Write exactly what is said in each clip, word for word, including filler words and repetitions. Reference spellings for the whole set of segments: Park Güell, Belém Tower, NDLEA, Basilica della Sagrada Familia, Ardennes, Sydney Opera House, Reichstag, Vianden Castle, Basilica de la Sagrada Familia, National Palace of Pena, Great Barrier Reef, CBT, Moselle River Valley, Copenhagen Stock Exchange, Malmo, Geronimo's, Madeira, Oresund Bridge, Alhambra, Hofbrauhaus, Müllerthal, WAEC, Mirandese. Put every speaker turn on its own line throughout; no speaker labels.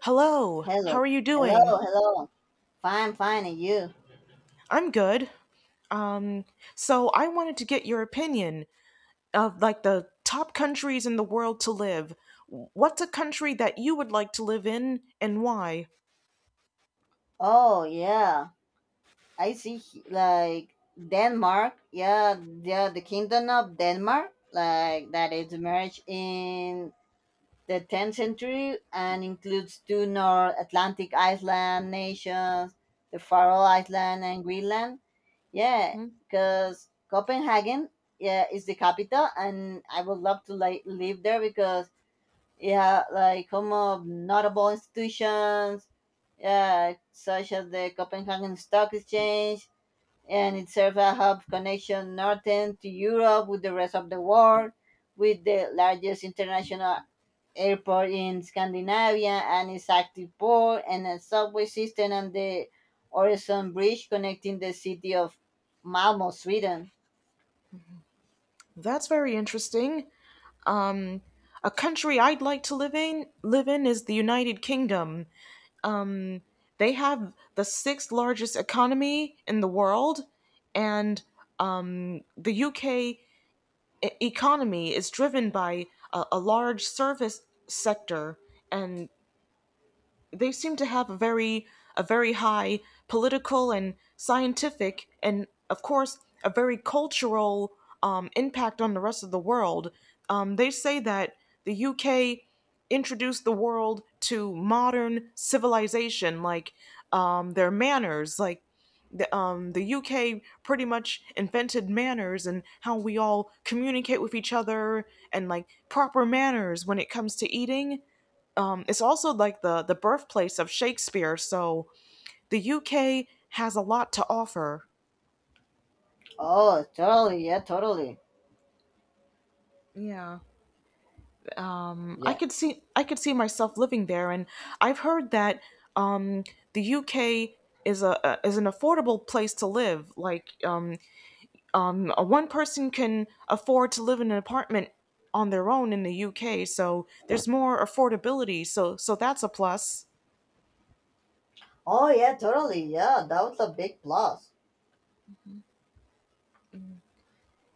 Hello, how
Hello,
are you doing?
hello, hello. Fine, fine, and you?
I'm good. Um, so I wanted to get your opinion of like the top countries in the world to live. What's a country that you would like to live in and why?
Oh yeah, I see. he- Like Denmark, yeah, yeah, the kingdom of Denmark, like that is emerged in the tenth century and includes two North Atlantic island nations, the Faroe Island and Greenland. Yeah,
Hmm.
because Copenhagen, yeah, is the capital, and I would love to like live there because. Yeah, like some of notable institutions, uh, such as the Copenhagen Stock Exchange, and it serves a hub connection northern to Europe with the rest of the world, with the largest international airport in Scandinavia and its active port and a subway system and the Oresund Bridge connecting the city of Malmo, Sweden.
That's very interesting. Um, a country I'd like to live in live in is the United Kingdom. Um, they have the sixth largest economy in the world, and um, the U K e- economy is driven by a, a large service sector, and they seem to have a very a very high political and scientific and, of course, a very cultural um, impact on the rest of the world. Um, they say that the U K introduced the world to modern civilization, like um, their manners, like the, um, the U K pretty much invented manners and how we all communicate with each other, and like proper manners when it comes to eating. Um, it's also like the the birthplace of Shakespeare, so the U K has a lot to offer.
Oh, totally, yeah, totally,
Yeah, um, I
yeah.
could see I could see myself living there. And I've heard that um, the U K is a, a is an affordable place to live. Like, um, um, a one person can afford to live in an apartment on their own in the U K, so there's more affordability. So so that's a plus.
Oh, yeah, totally, yeah. That was a big plus.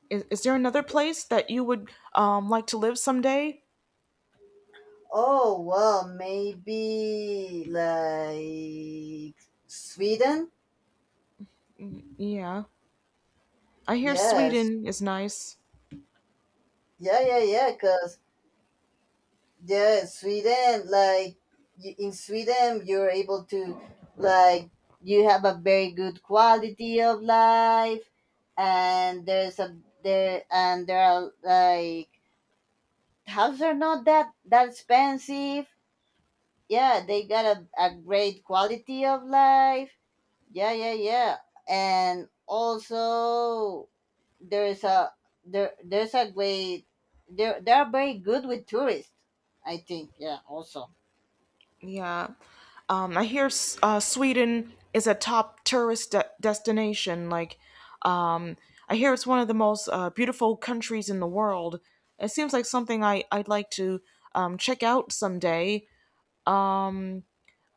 Is, is there another place that you would um, like to live someday?
Oh, well, maybe like Sweden?
Yeah. I hear
Yes.
Sweden is nice.
Yeah, yeah, yeah, because, yeah, Sweden, like, you, in Sweden, you're able to, like, you have a very good quality of life, and there's a, there, and there are, like, houses are not that, that expensive. Yeah, they got a, a great quality of life. Yeah, yeah, yeah. And also there is a there there's a great. They they are very good with tourists. I think yeah. Also.
Yeah. Um, I hear S- uh, Sweden is a top tourist de- destination. Like, um, I hear it's one of the most uh, beautiful countries in the world. It seems like something I- I'd like to um, check out someday. Um,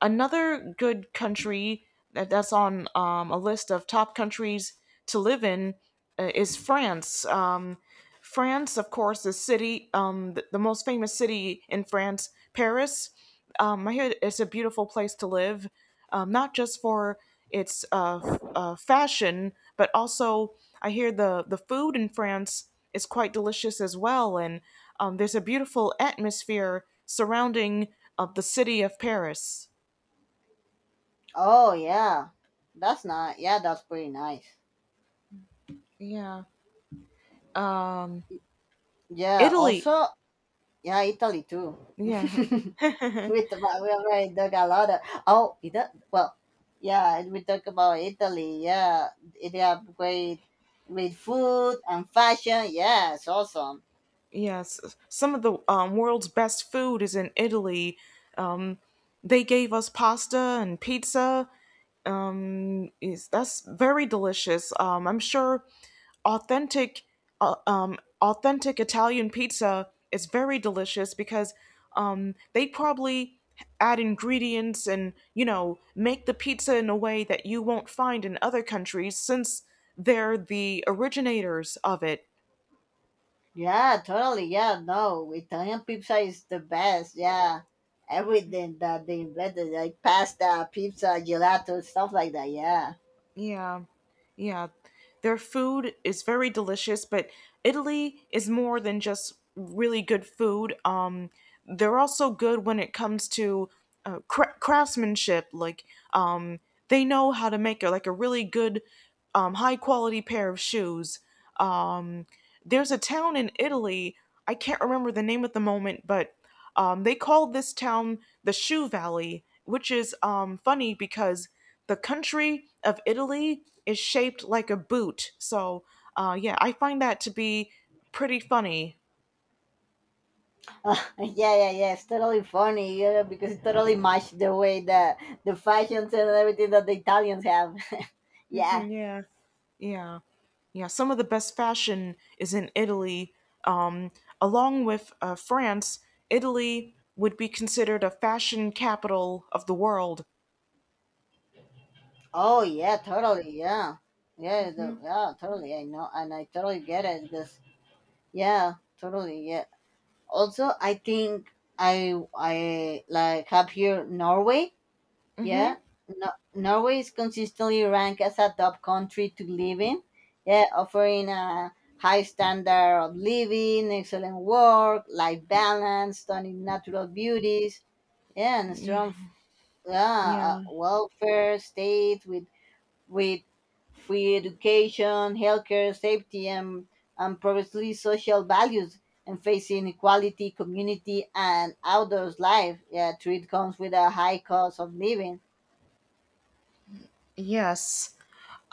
Another good country that that's on um, a list of top countries to live in uh, is France. Um, France, of course, the city, um, the, the most famous city in France, Paris. Um, I hear it's a beautiful place to live, um, not just for its uh, f- uh, fashion, but also I hear the, the food in France is quite delicious as well. And um, there's a beautiful atmosphere surrounding uh, the city of Paris.
Oh yeah, that's not yeah. That's pretty nice.
Yeah.
Yeah.
Italy.
Also yeah, Italy too.
Yeah.
with we already talked a lot of oh Ita- well yeah we talk about Italy yeah it have great great food and fashion yeah it's awesome.
Yes. Some of the um, world's best food is in Italy. They gave us pasta and pizza. Is that's very delicious. Um, I'm sure authentic uh, um, authentic Italian pizza is very delicious because um, they probably add ingredients and, you know, make the pizza in a way that you won't find in other countries since they're the originators of it.
Yeah, totally. Yeah, no, Italian pizza is the best. Yeah, everything that they invented, like pasta, pizza, gelato, stuff like that. Yeah.
Yeah. Yeah. Their food is very delicious, but Italy is more than just really good food. Um, they're also good when it comes to uh, cra- craftsmanship. Like, um, they know how to make a, like a really good, um, high quality pair of shoes. Um, there's a town in Italy, I can't remember the name at the moment, but um, they called this town the Shoe Valley, which is um, funny because the country of Italy is shaped like a boot. So, uh, yeah, I find that to be pretty funny.
yeah, yeah, yeah. It's totally funny, you know, because it totally matched the way that the fashions and everything that the Italians have. yeah.
Mhm, yeah, yeah, yeah. Some of the best fashion is in Italy. Um, along with uh, France, Italy would be considered a fashion capital of the world.
Oh yeah, totally. Yeah, yeah, the,
Hmm.
yeah, totally. I know, and I totally get it because yeah, totally. Yeah. Also, I think I I like have here Norway. Yeah, no, Norway is consistently ranked as a top country to live in. Yeah, offering a high standard of living, excellent work, life balance, stunning natural beauties. Yeah, and a
Yeah.
strong yeah, uh,
Yeah.
welfare state with with free education, healthcare, safety, and and progressively social values. And facing equality, community, and outdoors life. Yeah, through it comes with a high cost of living.
Yes.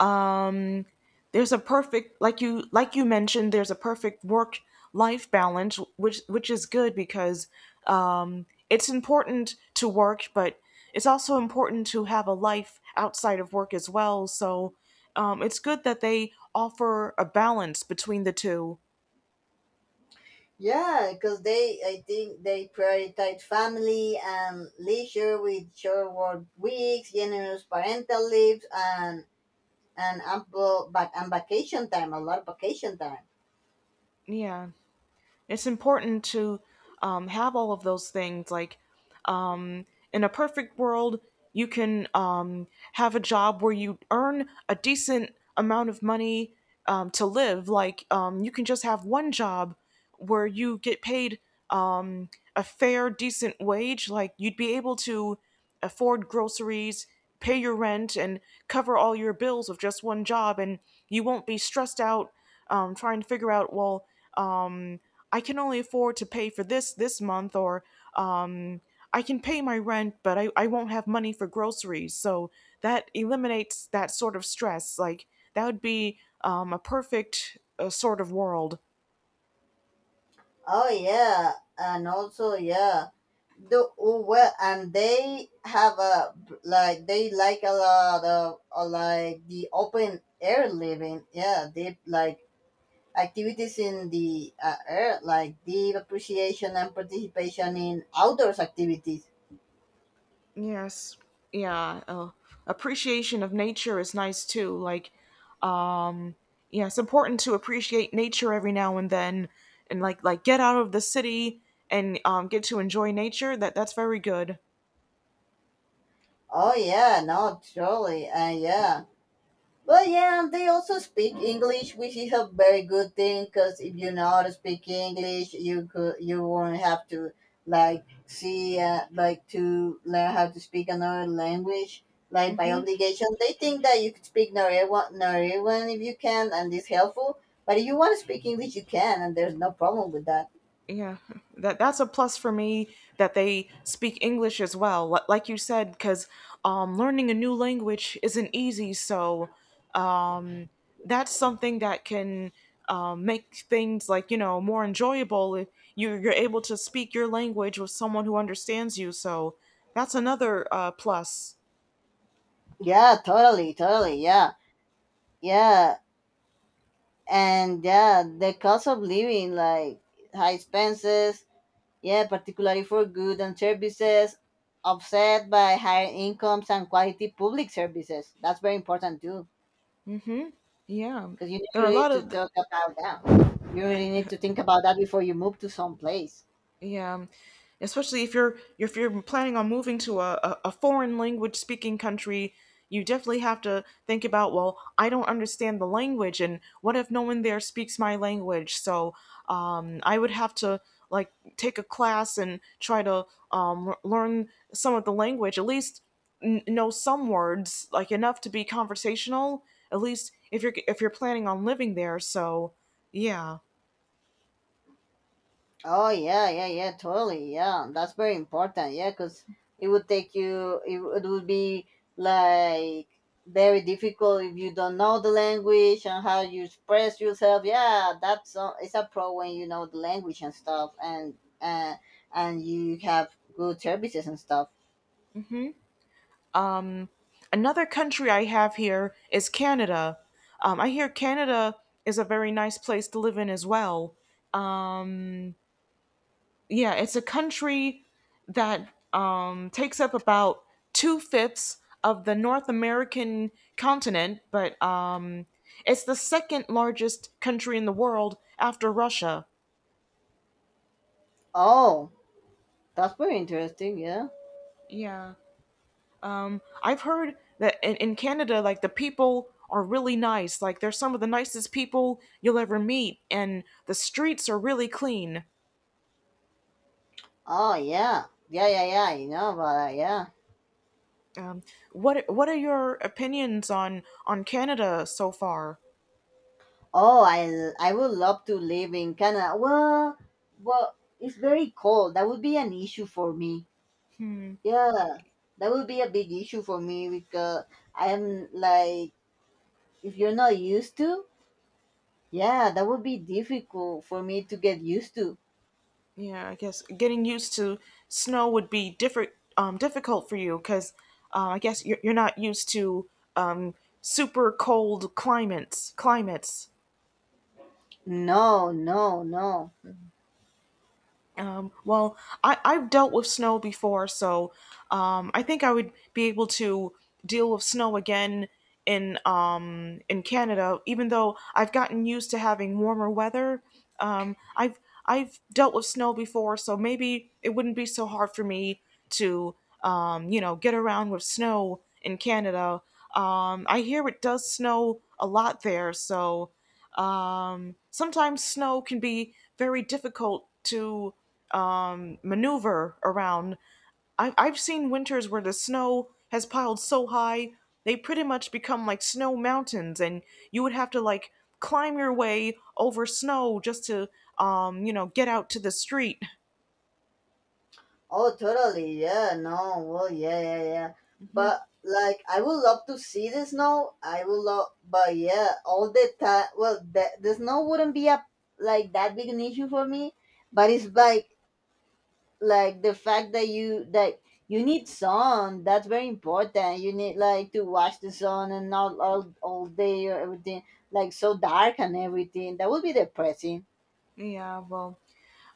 Um, there's a perfect, like, you, like you mentioned, there's a perfect work life balance, which which is good because um, it's important to work, but it's also important to have a life outside of work as well. So um, it's good that they offer a balance between the two.
Yeah, because they, I think they prioritize family and leisure with short work weeks, generous parental leaves, and and ample but and vacation time, a lot of vacation time.
Yeah, it's important to um, have all of those things. Like, in a perfect world, you can um, have a job where you earn a decent amount of money um, to live. Like, um, you can just have one job where you get paid um, a fair, decent wage. Like, you'd be able to afford groceries, pay your rent, and cover all your bills with just one job. And you won't be stressed out, um, trying to figure out, well, um, I can only afford to pay for this this month, or um, I can pay my rent, but I, I won't have money for groceries. So that eliminates that sort of stress. Like, that would be um, a perfect uh, sort of world.
Oh yeah, and also yeah, do well, and they have a like they like a lot of uh, like the open air living. Yeah, they like activities in the uh, air, like deep appreciation and participation in outdoors activities.
Yes. Yeah. Uh, appreciation of nature is nice too. Like, um, yeah, it's important to appreciate nature every now and then and like like get out of the city and um, get to enjoy nature. That that's very good.
Oh yeah, no, surely, uh, yeah. But yeah, they also speak English, which is a very good thing, because if you know how to speak English, you could, you won't have to like see, uh, like to learn how to speak another language. Like by
Mm-hmm.
obligation, they think that you could speak Norwegian, Norwegian if you can, and it's helpful. But if you want to speak English, you can, and there's no problem with that.
Yeah, that that's a plus for me that they speak English as well. Li- Like you said, because um, learning a new language isn't easy, so um, that's something that can um, make things, like, you know, more enjoyable if you you're able to speak your language with someone who understands you. So that's another uh, plus.
Yeah, totally, totally. Yeah, yeah, and yeah, the cost of living, like high expenses, yeah, particularly for goods and services, offset by higher incomes and quality public services. That's very important too,
Hmm. Yeah,
because you need
there are a
really
lot
to
of—
talk about that. You really need to think about that before you move to some place.
yeah, um, especially if you're if you're planning on moving to a, a, a foreign language speaking country, you definitely have to think about, well, I don't understand the language, and what if no one there speaks my language? So um, I would have to like take a class and try to um, l- learn some of the language, at least n- know some words, like enough to be conversational, at least if you're if you're planning on living there. So yeah.
Oh yeah, yeah, yeah, totally. Yeah, that's very important. Yeah, because it would take you. It, w- it would be like very difficult if you don't know the language and how you express yourself. Yeah, that's a, it's a pro when you know the language and stuff, and and and you have good services and stuff.
Another country I have here is Canada. Um, I hear Canada is a very nice place to live in as well. Yeah, it's a country that um, takes up about two fifths of the North American continent, but um, it's the second largest country in the world after Russia.
Oh, that's very interesting. Yeah.
Yeah. Um, I've heard that in, in Canada, like the people are really nice. Like, they're some of the nicest people you'll ever meet, and the streets are really clean.
Oh yeah, yeah, yeah, yeah. You know about that. Yeah.
Um, what what are your opinions on on Canada so far?
Oh, I I would love to live in Canada. Well, well, it's very cold. That would be an issue for me. Yeah, that would be a big issue for me because I'm like, if you're not used to, yeah, that would be difficult for me to get used to.
Yeah, I guess getting used to snow would be different um, difficult for you because uh, I guess you're, you're not used to um, super cold climates climates.
No, no, no.
Um, well, I, I've dealt with snow before, so um, I think I would be able to deal with snow again in um, in Canada. Even though I've gotten used to having warmer weather, um, I've I've dealt with snow before, so maybe it wouldn't be so hard for me to um, you know, get around with snow in Canada. Um, I hear it does snow a lot there, so um, sometimes snow can be very difficult to um, maneuver around. I- I've seen winters where the snow has piled so high they pretty much become like snow mountains, and you would have to like climb your way over snow just to um, you know, get out to the street.
Oh, totally. Yeah, no. Well, yeah, yeah, yeah. But like, I would love to see the snow. I would love, but yeah, all the time. Well, the, the snow wouldn't be a like that big an issue for me. But it's like like the fact that you that you need sun. That's very important. You need like to watch the sun and not all all day or everything like so dark and everything. That would be depressing.
Yeah, well,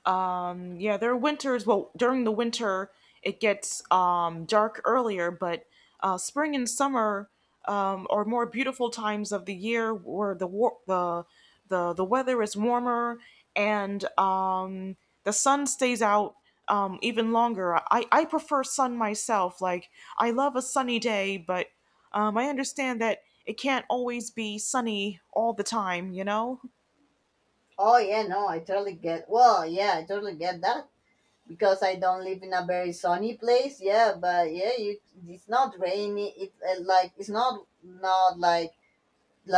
um yeah, there are winters— well, during the winter it gets um dark earlier, but uh spring and summer um are more beautiful times of the year, where the war- the the the weather is warmer and um the sun stays out um even longer. I i prefer sun myself. Like, I love a sunny day, but um I understand that it can't always be sunny all the time, you know.
Oh yeah, no, I totally get. Well, yeah, I totally get that, because I don't live in a very sunny place. Yeah, but yeah, you it's not rainy. It uh, like it's not not like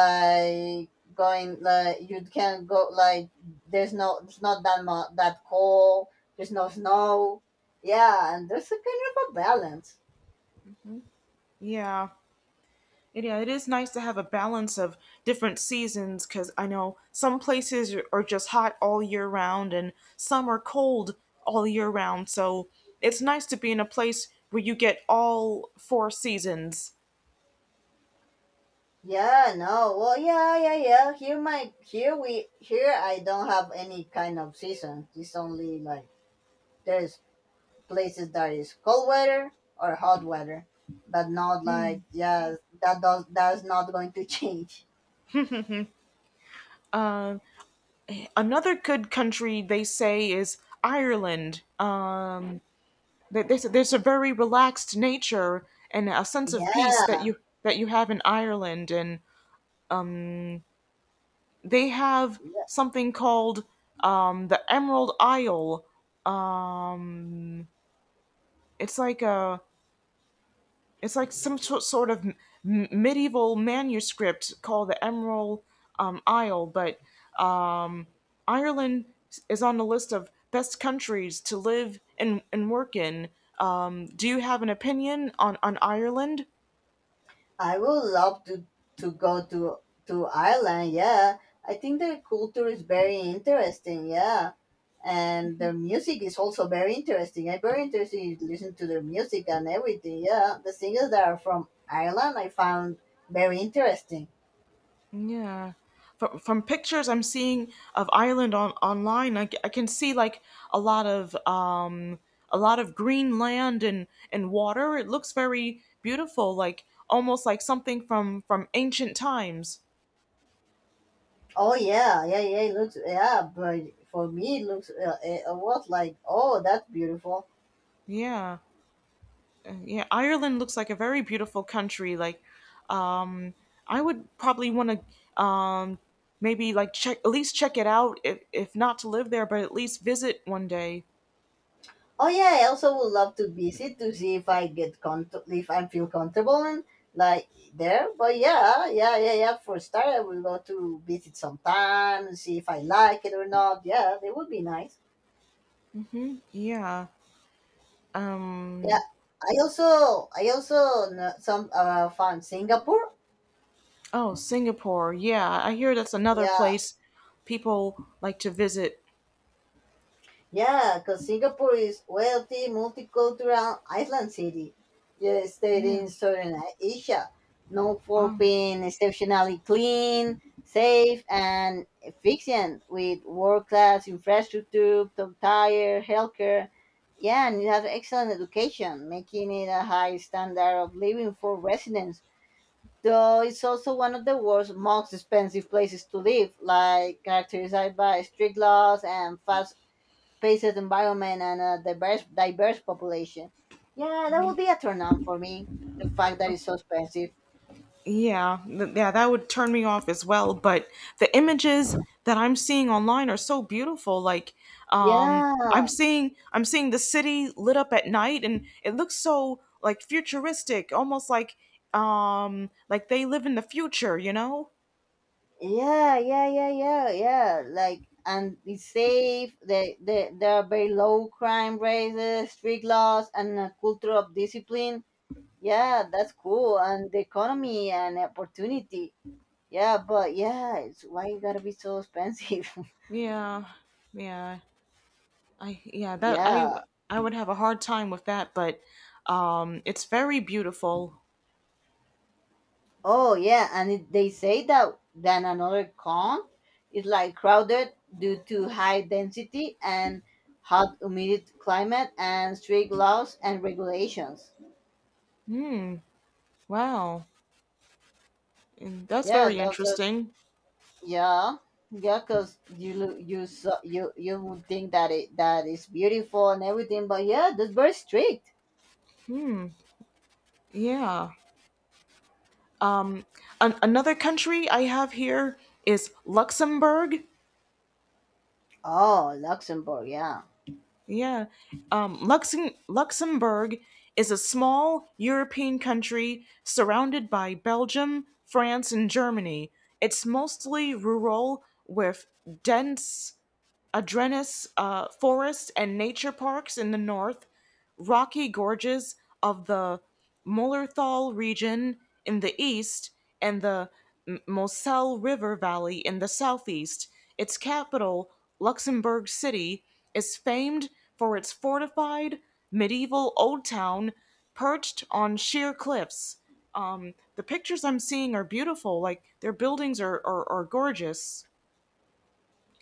like going like you can go like there's no it's not that much that cold. There's no snow. Yeah, and there's a kind of a balance.
Yeah, it, yeah, it is nice to have a balance of different seasons, because I know some places are are just hot all year round and some are cold all year round. So it's nice to be in a place where you get all four seasons.
Yeah, no. Well, yeah, yeah, yeah. Here my here we here I don't have any kind of season. It's only like there's places that is cold weather or hot weather, but not like yeah, that does that's not going to change.
Another good country they say is Ireland. Um, they, they, said there's a very relaxed nature and a sense
Yeah,
of peace that you that you have in Ireland, and they have something called um, the Emerald Isle. Um, it's like a— it's like some sort sort of m- medieval manuscript called the Emerald um, Isle. But um, Ireland is on the list of best countries to live and, and work in. Um, do you have an opinion on, on Ireland?
I would love to to go to to Ireland. Yeah, I think their culture is very interesting. Yeah, and their music is also very interesting. I'm very interested in listening to their music and everything. Yeah, the singers that are from Ireland I found very interesting.
Yeah. From, from pictures I'm seeing of Ireland on online, I, c- I can see like a lot of um a lot of green land and and water. It looks very beautiful, like almost like something from from ancient times.
Oh yeah, yeah, yeah. It looks yeah, but for me it looks uh, a a lot like oh that's beautiful.
Yeah. Uh, yeah, Ireland looks like a very beautiful country. Like, um I would probably want to um maybe like check— at least check it out, if if not to live there, but at least visit one day.
Oh yeah, I also would love to visit to see if I get con if I feel comfortable and like there. But yeah, yeah, yeah, yeah. For a start, I will go to visit sometime and see if I like it or not. Yeah, that would be nice.
Hmm. Yeah.
Yeah,
Um.
I also I also know some uh, found Singapore.
Oh, Singapore. Yeah, I hear that's another
Yeah.
place people like to visit.
Yeah, because Singapore is wealthy, multicultural island city, yeah, state
Yeah.
in Southern Asia, known for
Wow.
being exceptionally clean, safe, and efficient, with world-class infrastructure, top-tier healthcare. Yeah, and it has excellent education, making it a high standard of living for residents. Though it's also one of the world's most expensive places to live, like characterized by strict laws and fast spaces, environment, and a diverse diverse population. Yeah, that would be a turn on for me. The fact that it's so expensive.
Yeah, th- yeah, that would turn me off as well, but the images that I'm seeing online are so beautiful. Like, um I'm
Yeah,
seeing— I'm seeing the city lit up at night, and it looks so like futuristic, almost like um like they live in the future, you know?
yeah, yeah, yeah, yeah, yeah. Like, and it's safe. They, they, there are very low crime rates, uh, strict laws, and a culture of discipline. Yeah, that's cool. And the economy and opportunity. Yeah, but yeah, it's why you gotta be so expensive.
Yeah. Yeah. I yeah, that I
yeah.
I would have a hard time with that, but um it's very beautiful.
Oh yeah, and it, they say that than another con is like crowded due to high density and hot humid climate and strict laws and regulations.
Hmm. Wow. And that's
Yeah,
very
those are
interesting.
yeah. Yeah, cause you lo- you so, you you would think that it that is beautiful and everything, but yeah, that's very strict.
Hmm. Yeah. An- another country I have here is Luxembourg.
Oh, Luxembourg, yeah.
Yeah. Um Luxem- Luxembourg is a small European country surrounded by Belgium, France, and Germany. It's mostly rural with dense Adrenis uh, Forest and Nature Parks in the north, rocky gorges of the Mullerthal region in the east, and the M- Moselle River Valley in the southeast. Its capital, Luxembourg City, is famed for its fortified medieval old town perched on sheer cliffs. Um, the pictures I'm seeing are beautiful. Like their buildings are, are, are gorgeous.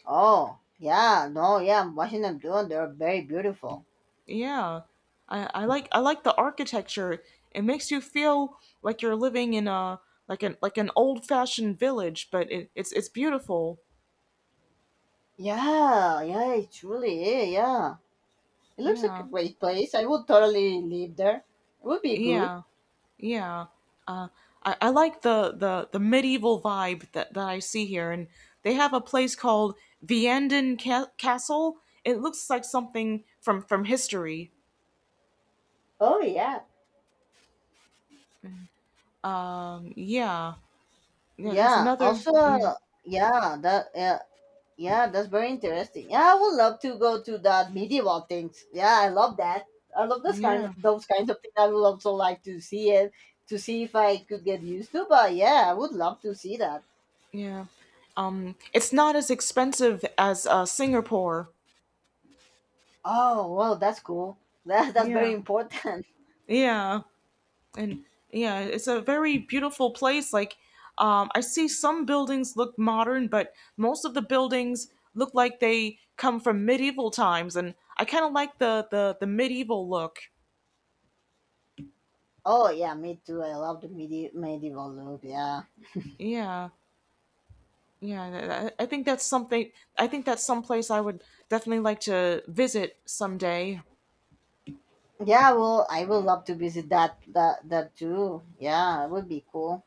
Oh, yeah, no, yeah, I'm watching them doing. They're very beautiful.
Yeah. I, I like I like the architecture. It makes you feel like you're living in a like an like an old fashioned village, but it, it's it's beautiful.
Yeah, yeah, it truly is. Yeah. It looks like a
Yeah.
great place. I would totally live there. It would be good.
Yeah. Yeah. Uh, I, I like the, the, the medieval vibe that, that I see here. And they have a place called Vianden Ca- Castle. It looks like something from, from history.
Oh, yeah.
Yeah. Yeah, that's
Yeah.
another.
Also,
Yeah.
yeah, that yeah, yeah, that's very interesting. Yeah, I would love to go to that medieval things. Yeah, I love that. I love those kind of
Yeah.
those kinds of things. I would also like to see it to see if I could get used to. But yeah, I would love to see that.
Yeah. Um, it's not as expensive as uh, Singapore.
Oh well, that's cool. That that's very
Yeah.
important.
Yeah. And yeah, it's a very beautiful place. Like, um, I see some buildings look modern, but most of the buildings look like they come from medieval times, and I kind of like the, the the medieval look.
Oh yeah, me too. I love the medi- medieval look. Yeah.
Yeah. Yeah, I I think that's something. I think that's someplace I would definitely like to visit someday.
Yeah, well, I will love to visit that that that too. Yeah, it would be cool.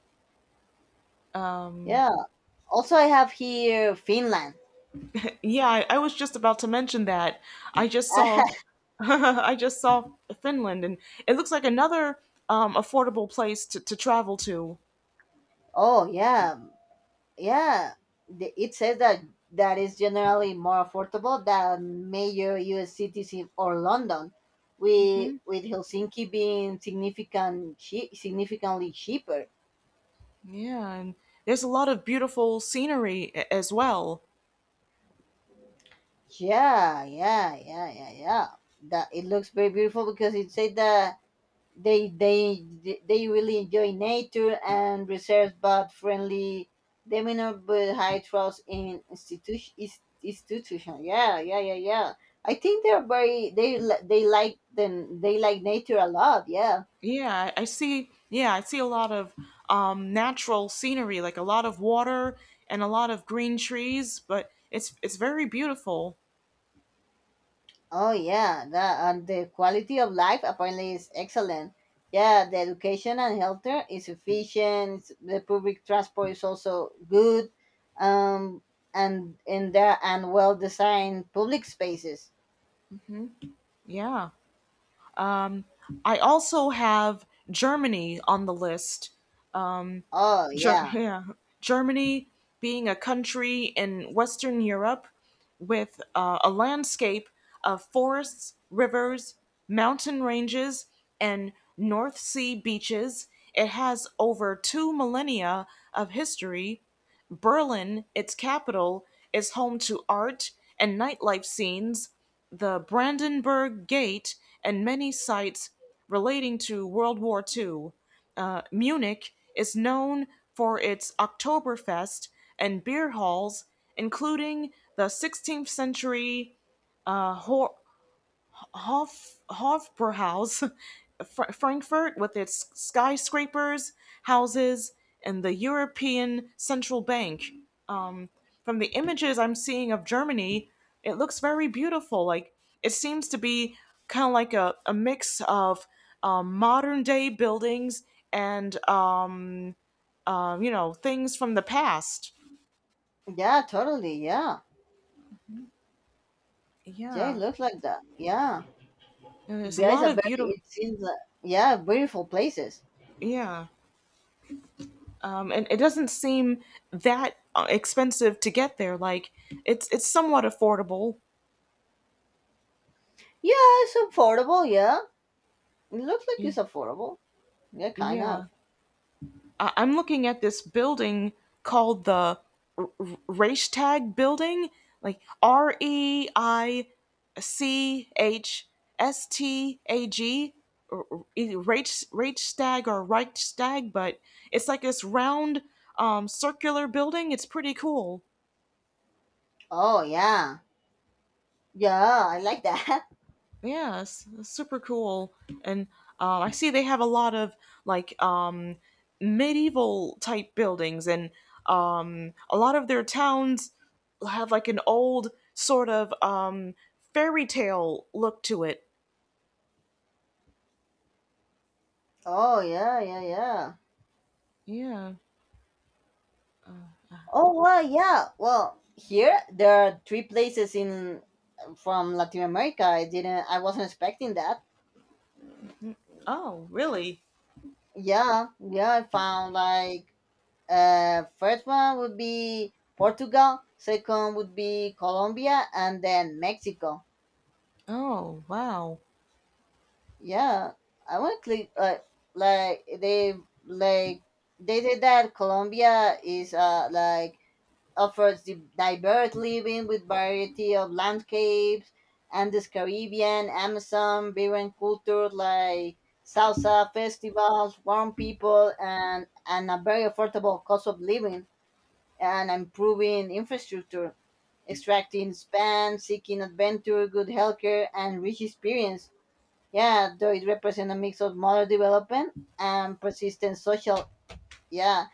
Um.
Yeah. Also, I have here Finland.
Yeah, I, I was just about to mention that. I just saw, I just saw Finland, and it looks like another um, affordable place to, to travel to.
oh yeah, yeah. The- It says that that is generally more affordable than major U S cities in- or London, with
Hmm.
with Helsinki being significant chea- significantly cheaper.
Yeah, and there's a lot of beautiful scenery a- as well.
Yeah, yeah, yeah, yeah, yeah. That it looks very beautiful because it said that they they they really enjoy nature and reserves but friendly demeanor but high trust in institution institution yeah yeah yeah yeah I think they're very they li- they like the they like nature a lot yeah.
Yeah, I I see. Yeah, I see a lot of um, natural scenery, like a lot of water and a lot of green trees. But it's it's very beautiful.
Oh yeah, the, and the quality of life apparently is excellent yeah the education and healthcare is efficient. It's- the public transport is also good um and in there and well designed public spaces.
Yeah. Um, I also have Germany on the list.
Oh
Ger-
yeah,
yeah, Germany being a country in Western Europe with uh, a landscape of forests, rivers, mountain ranges, and North Sea beaches. It has over two millennia of history. Berlin, its capital, is home to art and nightlife scenes, the Brandenburg Gate, and many sites relating to World War two. Uh, Munich is known for its Oktoberfest and beer halls, including the sixteenth century uh, Ho- Hof, Hofbrauhaus, Fr- Frankfurt, with its skyscrapers, houses, and the European Central Bank. Um, from the images I'm seeing of Germany, it looks very beautiful. Like it seems to be kind of like a, a mix of um, modern day buildings and um, uh, you know things from the past.
yeah, totally, yeah. Yeah, it
Yeah,
looks like that. Yeah,
and there's a
guys
lot
are
of
very.
beautiful.
It seems like yeah, beautiful places.
Yeah. Um, and it doesn't seem that uh, expensive to get there. Like it's it's somewhat affordable.
Yeah, it's affordable. Yeah, it looks like it's
Y-
affordable. Yeah, kind
Yeah,
of.
I- I'm looking at this building called the R- R- Reichstag Building, like R E I C H S T A G, R- R- e, Reich- Reichstag or Reichstag, but it's like this round um, circular building. It's pretty cool.
Oh yeah, yeah, I like that.
Yes, that's super cool. And um, I see they have a lot of like um, medieval type buildings, and um, a lot of their towns have like an old sort of um, fairy tale look to it.
Oh yeah, yeah, yeah.
Yeah.
Oh well, yeah. Well, here there are three places in from Latin America. I didn't. I wasn't expecting that.
Oh, really?
Yeah, yeah. I found like Uh, first one would be Portugal. Second would be Colombia, and then Mexico.
Oh, wow.
Yeah, I want to click. Uh, like they like they said that Colombia is uh like offers the diverse living with variety of landscapes and this Caribbean, Amazon, vibrant culture like salsa festivals, warm people, and and a very affordable cost of living and improving infrastructure, extracting span, seeking adventure, good healthcare, and rich experience. Yeah, though it represents a mix of modern development and persistent social, yeah,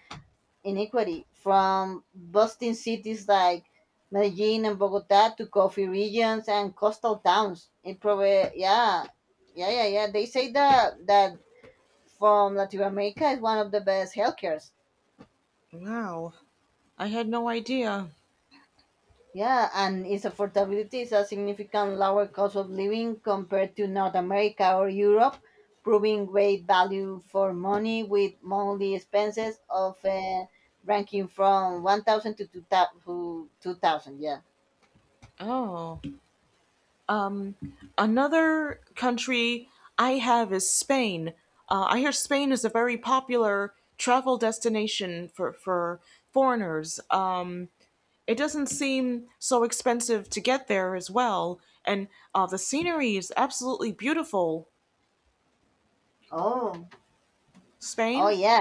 inequity, from bustling cities like Medellin and Bogota to coffee regions and coastal towns. It probably, yeah, yeah, yeah, yeah. They say that that from Latin America is one of the best healthcares.
Wow. I had no idea.
Yeah, and its affordability is a significant lower cost of living compared to North America or Europe, proving great value for money with monthly expenses of uh, ranking from one thousand to two thousand to two thousand, yeah.
Oh. Another country I have is Spain. Uh, I hear Spain is a very popular travel destination for, for foreigners. Um, it doesn't seem so expensive to get there as well. And uh, the scenery is absolutely beautiful.
Oh. Oh
Spain?
yeah,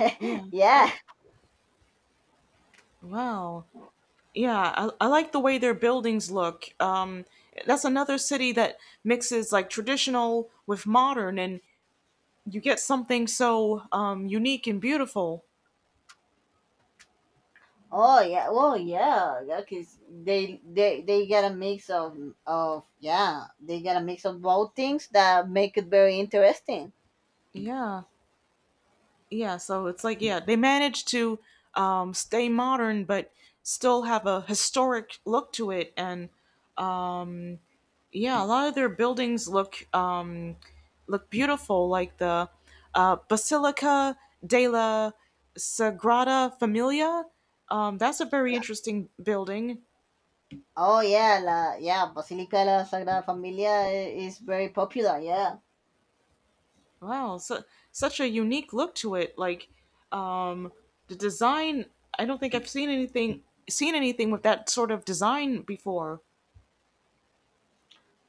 yeah.
Yeah.
Yeah.
Wow. Yeah, I, I like the way their buildings look. Um, that's another city that mixes like traditional with modern, and you get something so um, unique and beautiful.
Oh yeah. Oh yeah. yeah. 'Cause they they they get a mix of of yeah, they get a mix of both things that make it very interesting.
Yeah, yeah. So it's like yeah, they managed to um, stay modern but still have a historic look to it, and yeah, a lot of their buildings look um, look beautiful, like the uh, Basilica della Sagrada Familia. Um, that's a very interesting building.
Oh yeah, la, yeah, Basilica de la Sagrada Familia i- is very popular. Yeah.
Wow, so, such a unique look to it. Like um, the design, I don't think I've seen anything seen anything with that sort of design before.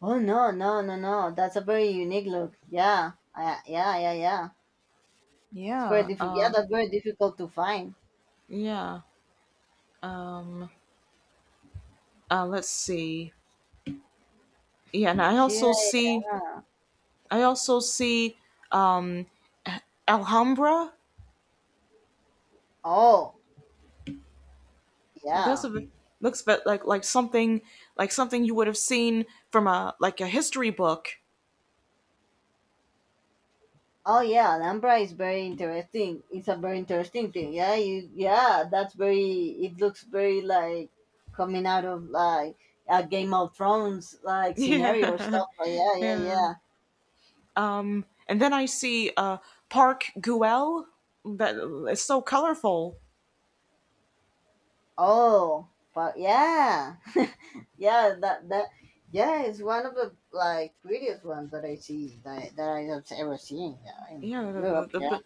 Oh no, no, no, no. That's a very unique look. Yeah, I, yeah, yeah, yeah. It's very
Yeah,
difficult. Yeah,
uh,
that's very difficult to find.
yeah. Um, uh, let's see. Yeah, and I also
Yeah.
see
Yeah.
I also see um, Alhambra.
Oh
And that's
yeah.
a bit- looks bit like like something like something you would have seen from a like a history book.
Oh yeah. Alhambra is very interesting. It's a very interesting thing. Yeah. You. Yeah. That's very. It looks very like coming out of like a Game of Thrones like scenario or
Yeah.
stuff. But yeah, yeah,
Yeah.
yeah.
Um, and then I see uh, Park Guel. That it's so colorful.
Oh, but yeah, yeah, that that yeah, it's one of the like prettiest ones that I see that that I have ever seen, yeah, in, in
Yeah, the,
Europe.
the,
Yeah.
the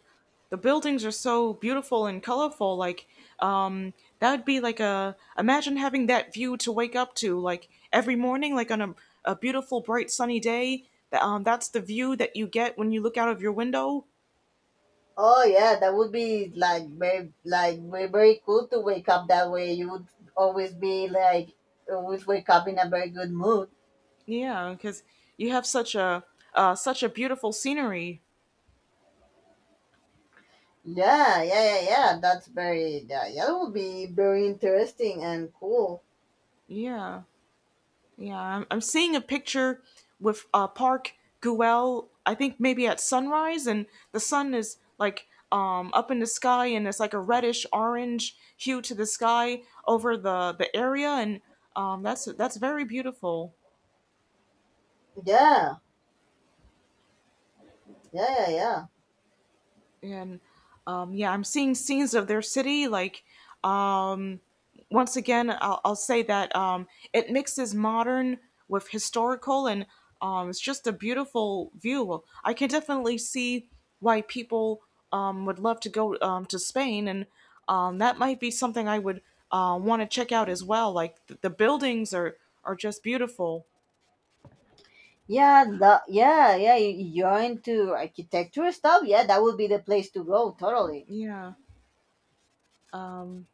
the buildings are so beautiful and colorful. Like um, that would be like a imagine having that view to wake up to like every morning, like on a, a beautiful, bright, sunny day. That um, that's the view that you get when you look out of your window.
Oh yeah, that would be like very like very, very cool to wake up that way. You would always be like always wake up in a very good mood.
Yeah, because you have such a uh, such a beautiful scenery.
Yeah, yeah, yeah, yeah. That's very, yeah, yeah. That would be very interesting and cool.
Yeah. Yeah, I'm, I'm seeing a picture with uh, Park Guel. I think maybe at sunrise, and the sun is like um, up in the sky, and it's like a reddish orange hue to the sky over the the area, and um, that's that's very beautiful.
Yeah, yeah, yeah, yeah.
And um, yeah, I'm seeing scenes of their city, like um. Once again, I'll, I'll say that um, it mixes modern with historical, and um, it's just a beautiful view. I can definitely see why people um, would love to go um, to Spain, and um, that might be something I would uh, want to check out as well. Like the, the buildings are are just beautiful.
Yeah, the, yeah, yeah. You, you you're into architecture stuff. Yeah, that would be the place to go. Totally.
Yeah. Um,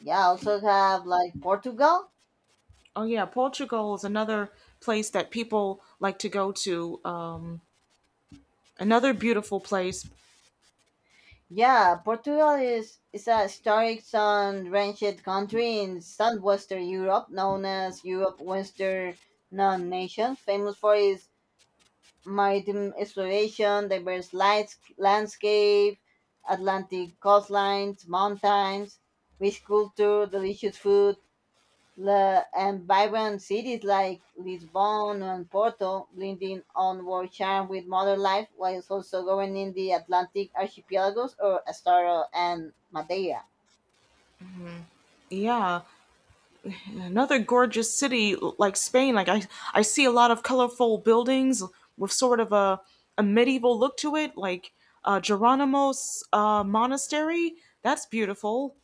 Yeah. I also have like Portugal.
oh yeah, Portugal is another place that people like to go to. Um, another beautiful place.
Yeah, Portugal is is a historic sun-drenched country in southwestern Europe, known as Europe Western non-nation, famous for its maritime exploration, diverse lights, landscape, Atlantic coastlines, mountains, rich culture, delicious food, The, and vibrant cities like Lisbon and Porto, blending onward charm with modern life, while also governing the Atlantic archipelagos or Astara and Madeira.
Yeah. Another gorgeous city like Spain. Like I, I see a lot of colorful buildings with sort of a, a medieval look to it, like uh, Geronimo's uh, monastery. That's beautiful,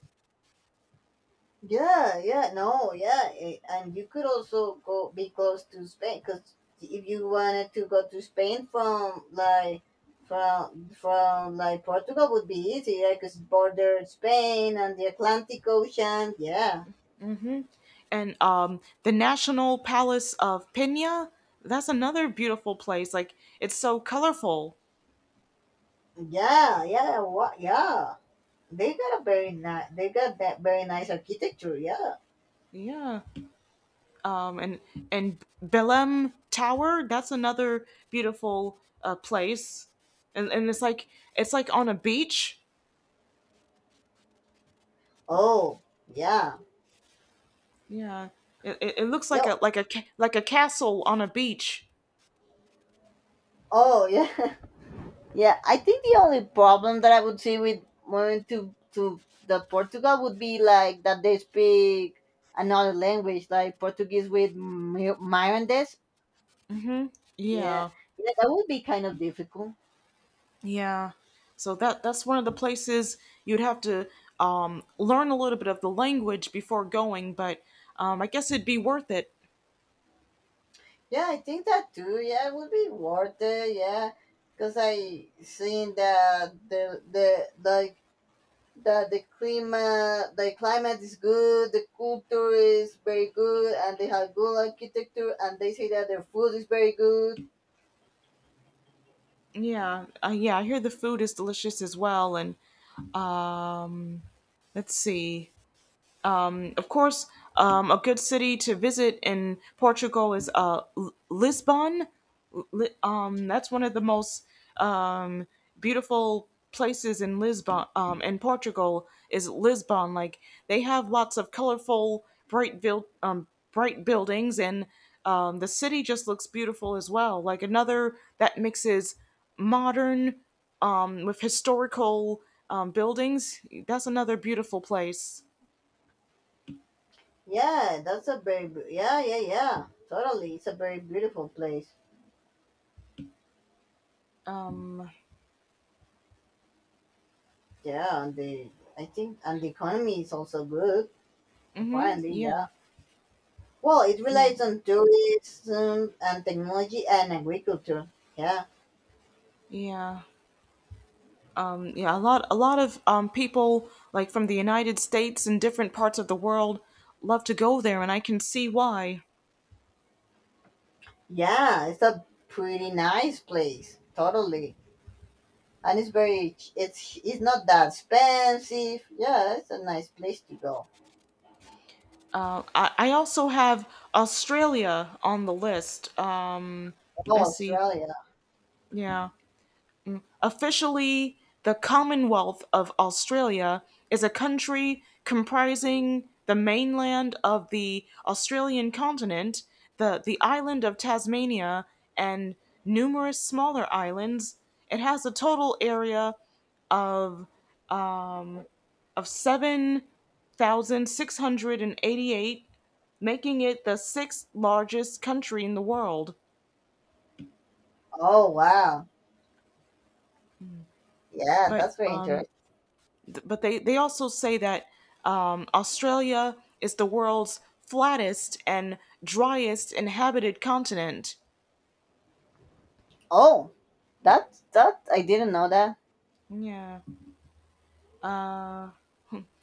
Yeah, yeah, no, yeah, eh, and you could also go be close to Spain, because if you wanted to go to Spain from like from from like Portugal would be easy, yeah, because border Spain and the Atlantic Ocean. Yeah,
and um, the National Palace of Pena. That's another beautiful place. Like it's so colorful.
yeah, yeah, what, yeah. They got a very nice. They got that very nice architecture. Yeah.
Yeah. Um, and and Belém Tower. That's another beautiful uh, place and and it's like it's like on a beach.
Oh, yeah.
Yeah, it, it, it looks like a
Yo.
like a ca- like a castle on a beach.
Oh, yeah. Yeah. I think the only problem that I would see with moving to to the Portugal would be like that they speak another language, like Portuguese with Mi- Mirandese. Yeah.
Yeah,
Yeah, that would be kind of difficult.
yeah. So that that's one of the places you'd have to um, learn a little bit of the language before going, but um, I guess it'd be worth it.
Yeah, I think that too. Yeah, it would be worth it. Yeah, because I seen that the the like that the climate the climate is good, the culture is very good, and they have good architecture, and they say that their food is very good.
Yeah, uh, yeah. I hear the food is delicious as well, and um, let's see. Of course, um, a good city to visit in Portugal is uh, L- Lisbon. Li- um, that's one of the most um, beautiful places in Lisbon, um, in Portugal, is Lisbon. Like they have lots of colorful, bright build, um, bright buildings, and um, the city just looks beautiful as well. Like another that mixes modern um, with historical um, buildings. That's another beautiful place.
Yeah, that's a very bu- yeah, yeah, yeah, totally. It's a very beautiful place. Yeah, and the I think and the economy is also good.
Mhm.
Apparently,
Yeah,
yeah. Well, it
yeah,
relies on tourism and technology and agriculture. Yeah,
yeah, um, yeah. A lot, a lot of um, people, like from the United States and different parts of the world, love to go there, and I can see why.
yeah, it's a pretty nice place. Totally. And it's very it's it's not that expensive. Yeah, it's a nice place to go.
Uh, I, I also have Australia on the list. Uh,
Oh,
let's see.
Australia.
Yeah. Officially, the Commonwealth of Australia is a country comprising the mainland of the Australian continent, the, the island of Tasmania, and numerous smaller islands. It has a total area of, of seven thousand six hundred eighty-eight, making it the sixth largest country in the world.
Oh, wow. Yeah,
But
that's very
um,
interesting.
but they they also say that um, Australia is the world's flattest and driest inhabited continent.
Oh, that that I didn't know that.
Yeah.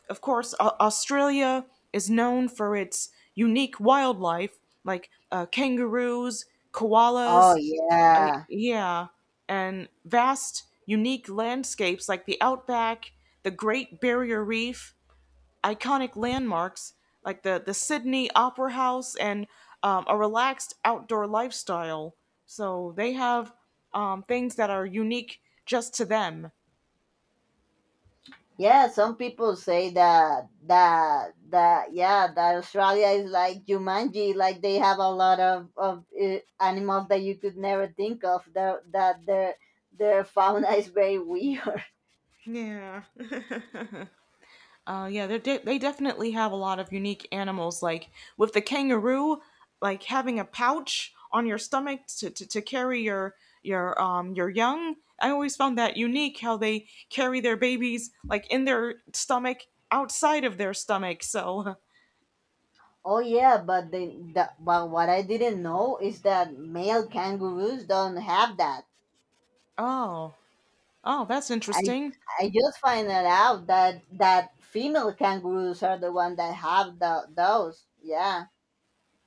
Of course, Au- Australia is known for its unique wildlife, like uh, kangaroos,
Oh,
koalas, uh,
yeah.
yeah, and vast, unique landscapes like the outback, the Great Barrier Reef, iconic landmarks like the, the Sydney Opera House and um, a relaxed outdoor lifestyle. So they have um, things that are unique just to them.
Yeah, some people say that that that yeah, that Australia is like Jumanji, like they have a lot of of uh, animals that you could never think of. That that their their fauna is very weird.
Yeah. Uh, yeah, they de- they definitely have a lot of unique animals. Like with the kangaroo, like having a pouch on your stomach to, to, to carry your your um your young. I always found that unique how they carry their babies like in their stomach outside of their stomach. So
Oh yeah, but the, the but what I didn't know is that male kangaroos don't have that.
Oh, oh, that's
I
interesting.
I just find it out that that female kangaroos are the one that have the, those. Yeah.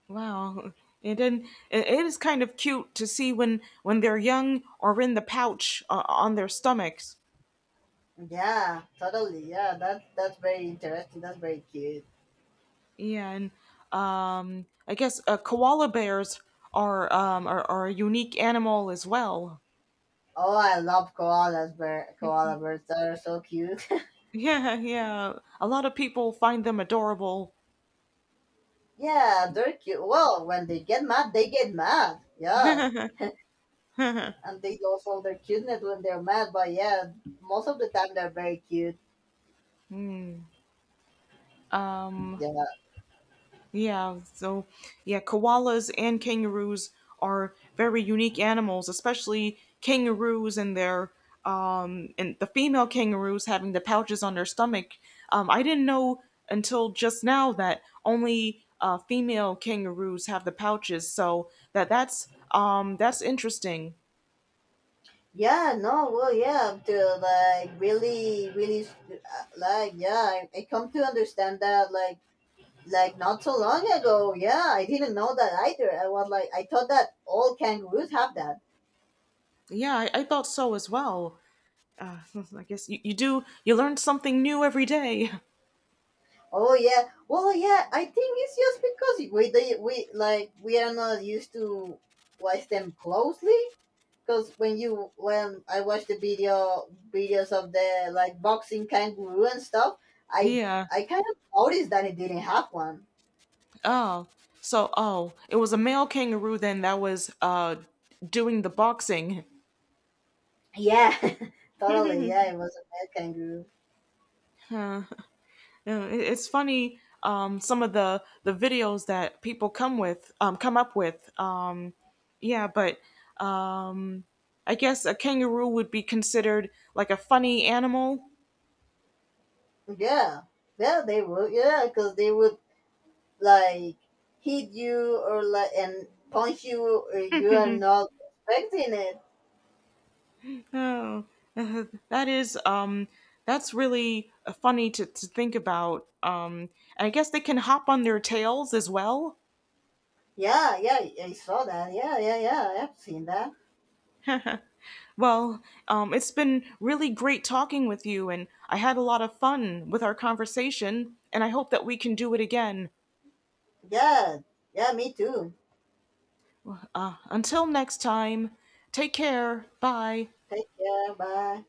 Wow. And then it, it is kind of cute to see when when they're young or in the pouch uh, on their stomachs.
Yeah, totally. Yeah, that's that's very interesting. That's very cute.
Yeah, and um, I guess uh, koala bears are, um, are are a unique animal as well.
Oh, I love koalas. Bear, koala bears. They're so cute.
Yeah, yeah. A lot of people find them adorable.
Yeah, they're cute. Well, when they get mad, they get mad. Yeah, and they lose all their cuteness when they're mad. But yeah, most of the time they're very cute.
Um,
Yeah,
Yeah, so yeah, koalas and kangaroos are very unique animals, especially kangaroos and their um and the female kangaroos having the pouches on their stomach. Um, I didn't know until just now that only uh, female kangaroos have the pouches, so that that's um that's interesting.
yeah, no, well, yeah, to like really, really, s- uh, like, yeah, I, I come to understand that, like, like not so long ago, yeah, I didn't know that either. I was like, I thought that all kangaroos have that.
Yeah, I, I thought so as well. Uh, I guess you, you do you learn something new every day.
Oh yeah, well, yeah, I think it's just because we, they, we, like, we are not used to watch them closely. Because when you, when I watch the video, videos of the like boxing kangaroo and stuff, I,
Yeah.
I kind of noticed that it didn't have one.
Oh, so oh, it was a male kangaroo then that was uh doing the boxing.
Yeah, totally. Yeah, it was a mad kangaroo.
Huh. Uh, it- it's funny um some of the the videos that people come with um come up with um yeah, but um I guess a kangaroo would be considered like a funny animal.
Yeah, yeah, they would. Yeah, because they would like hit you or like and punch you. Or you are not expecting it.
Oh, uh, that is um that's really uh, funny to, to think about. Um, I guess they can hop on their tails as well.
Yeah, yeah, I saw that. Yeah, yeah, yeah. I've seen that.
Well, um, it's been really great talking with you, and I had a lot of fun with our conversation, and I hope that we can do it again.
Yeah, yeah, me too.
Uh, until next time, take care. Bye.
Take care. Bye.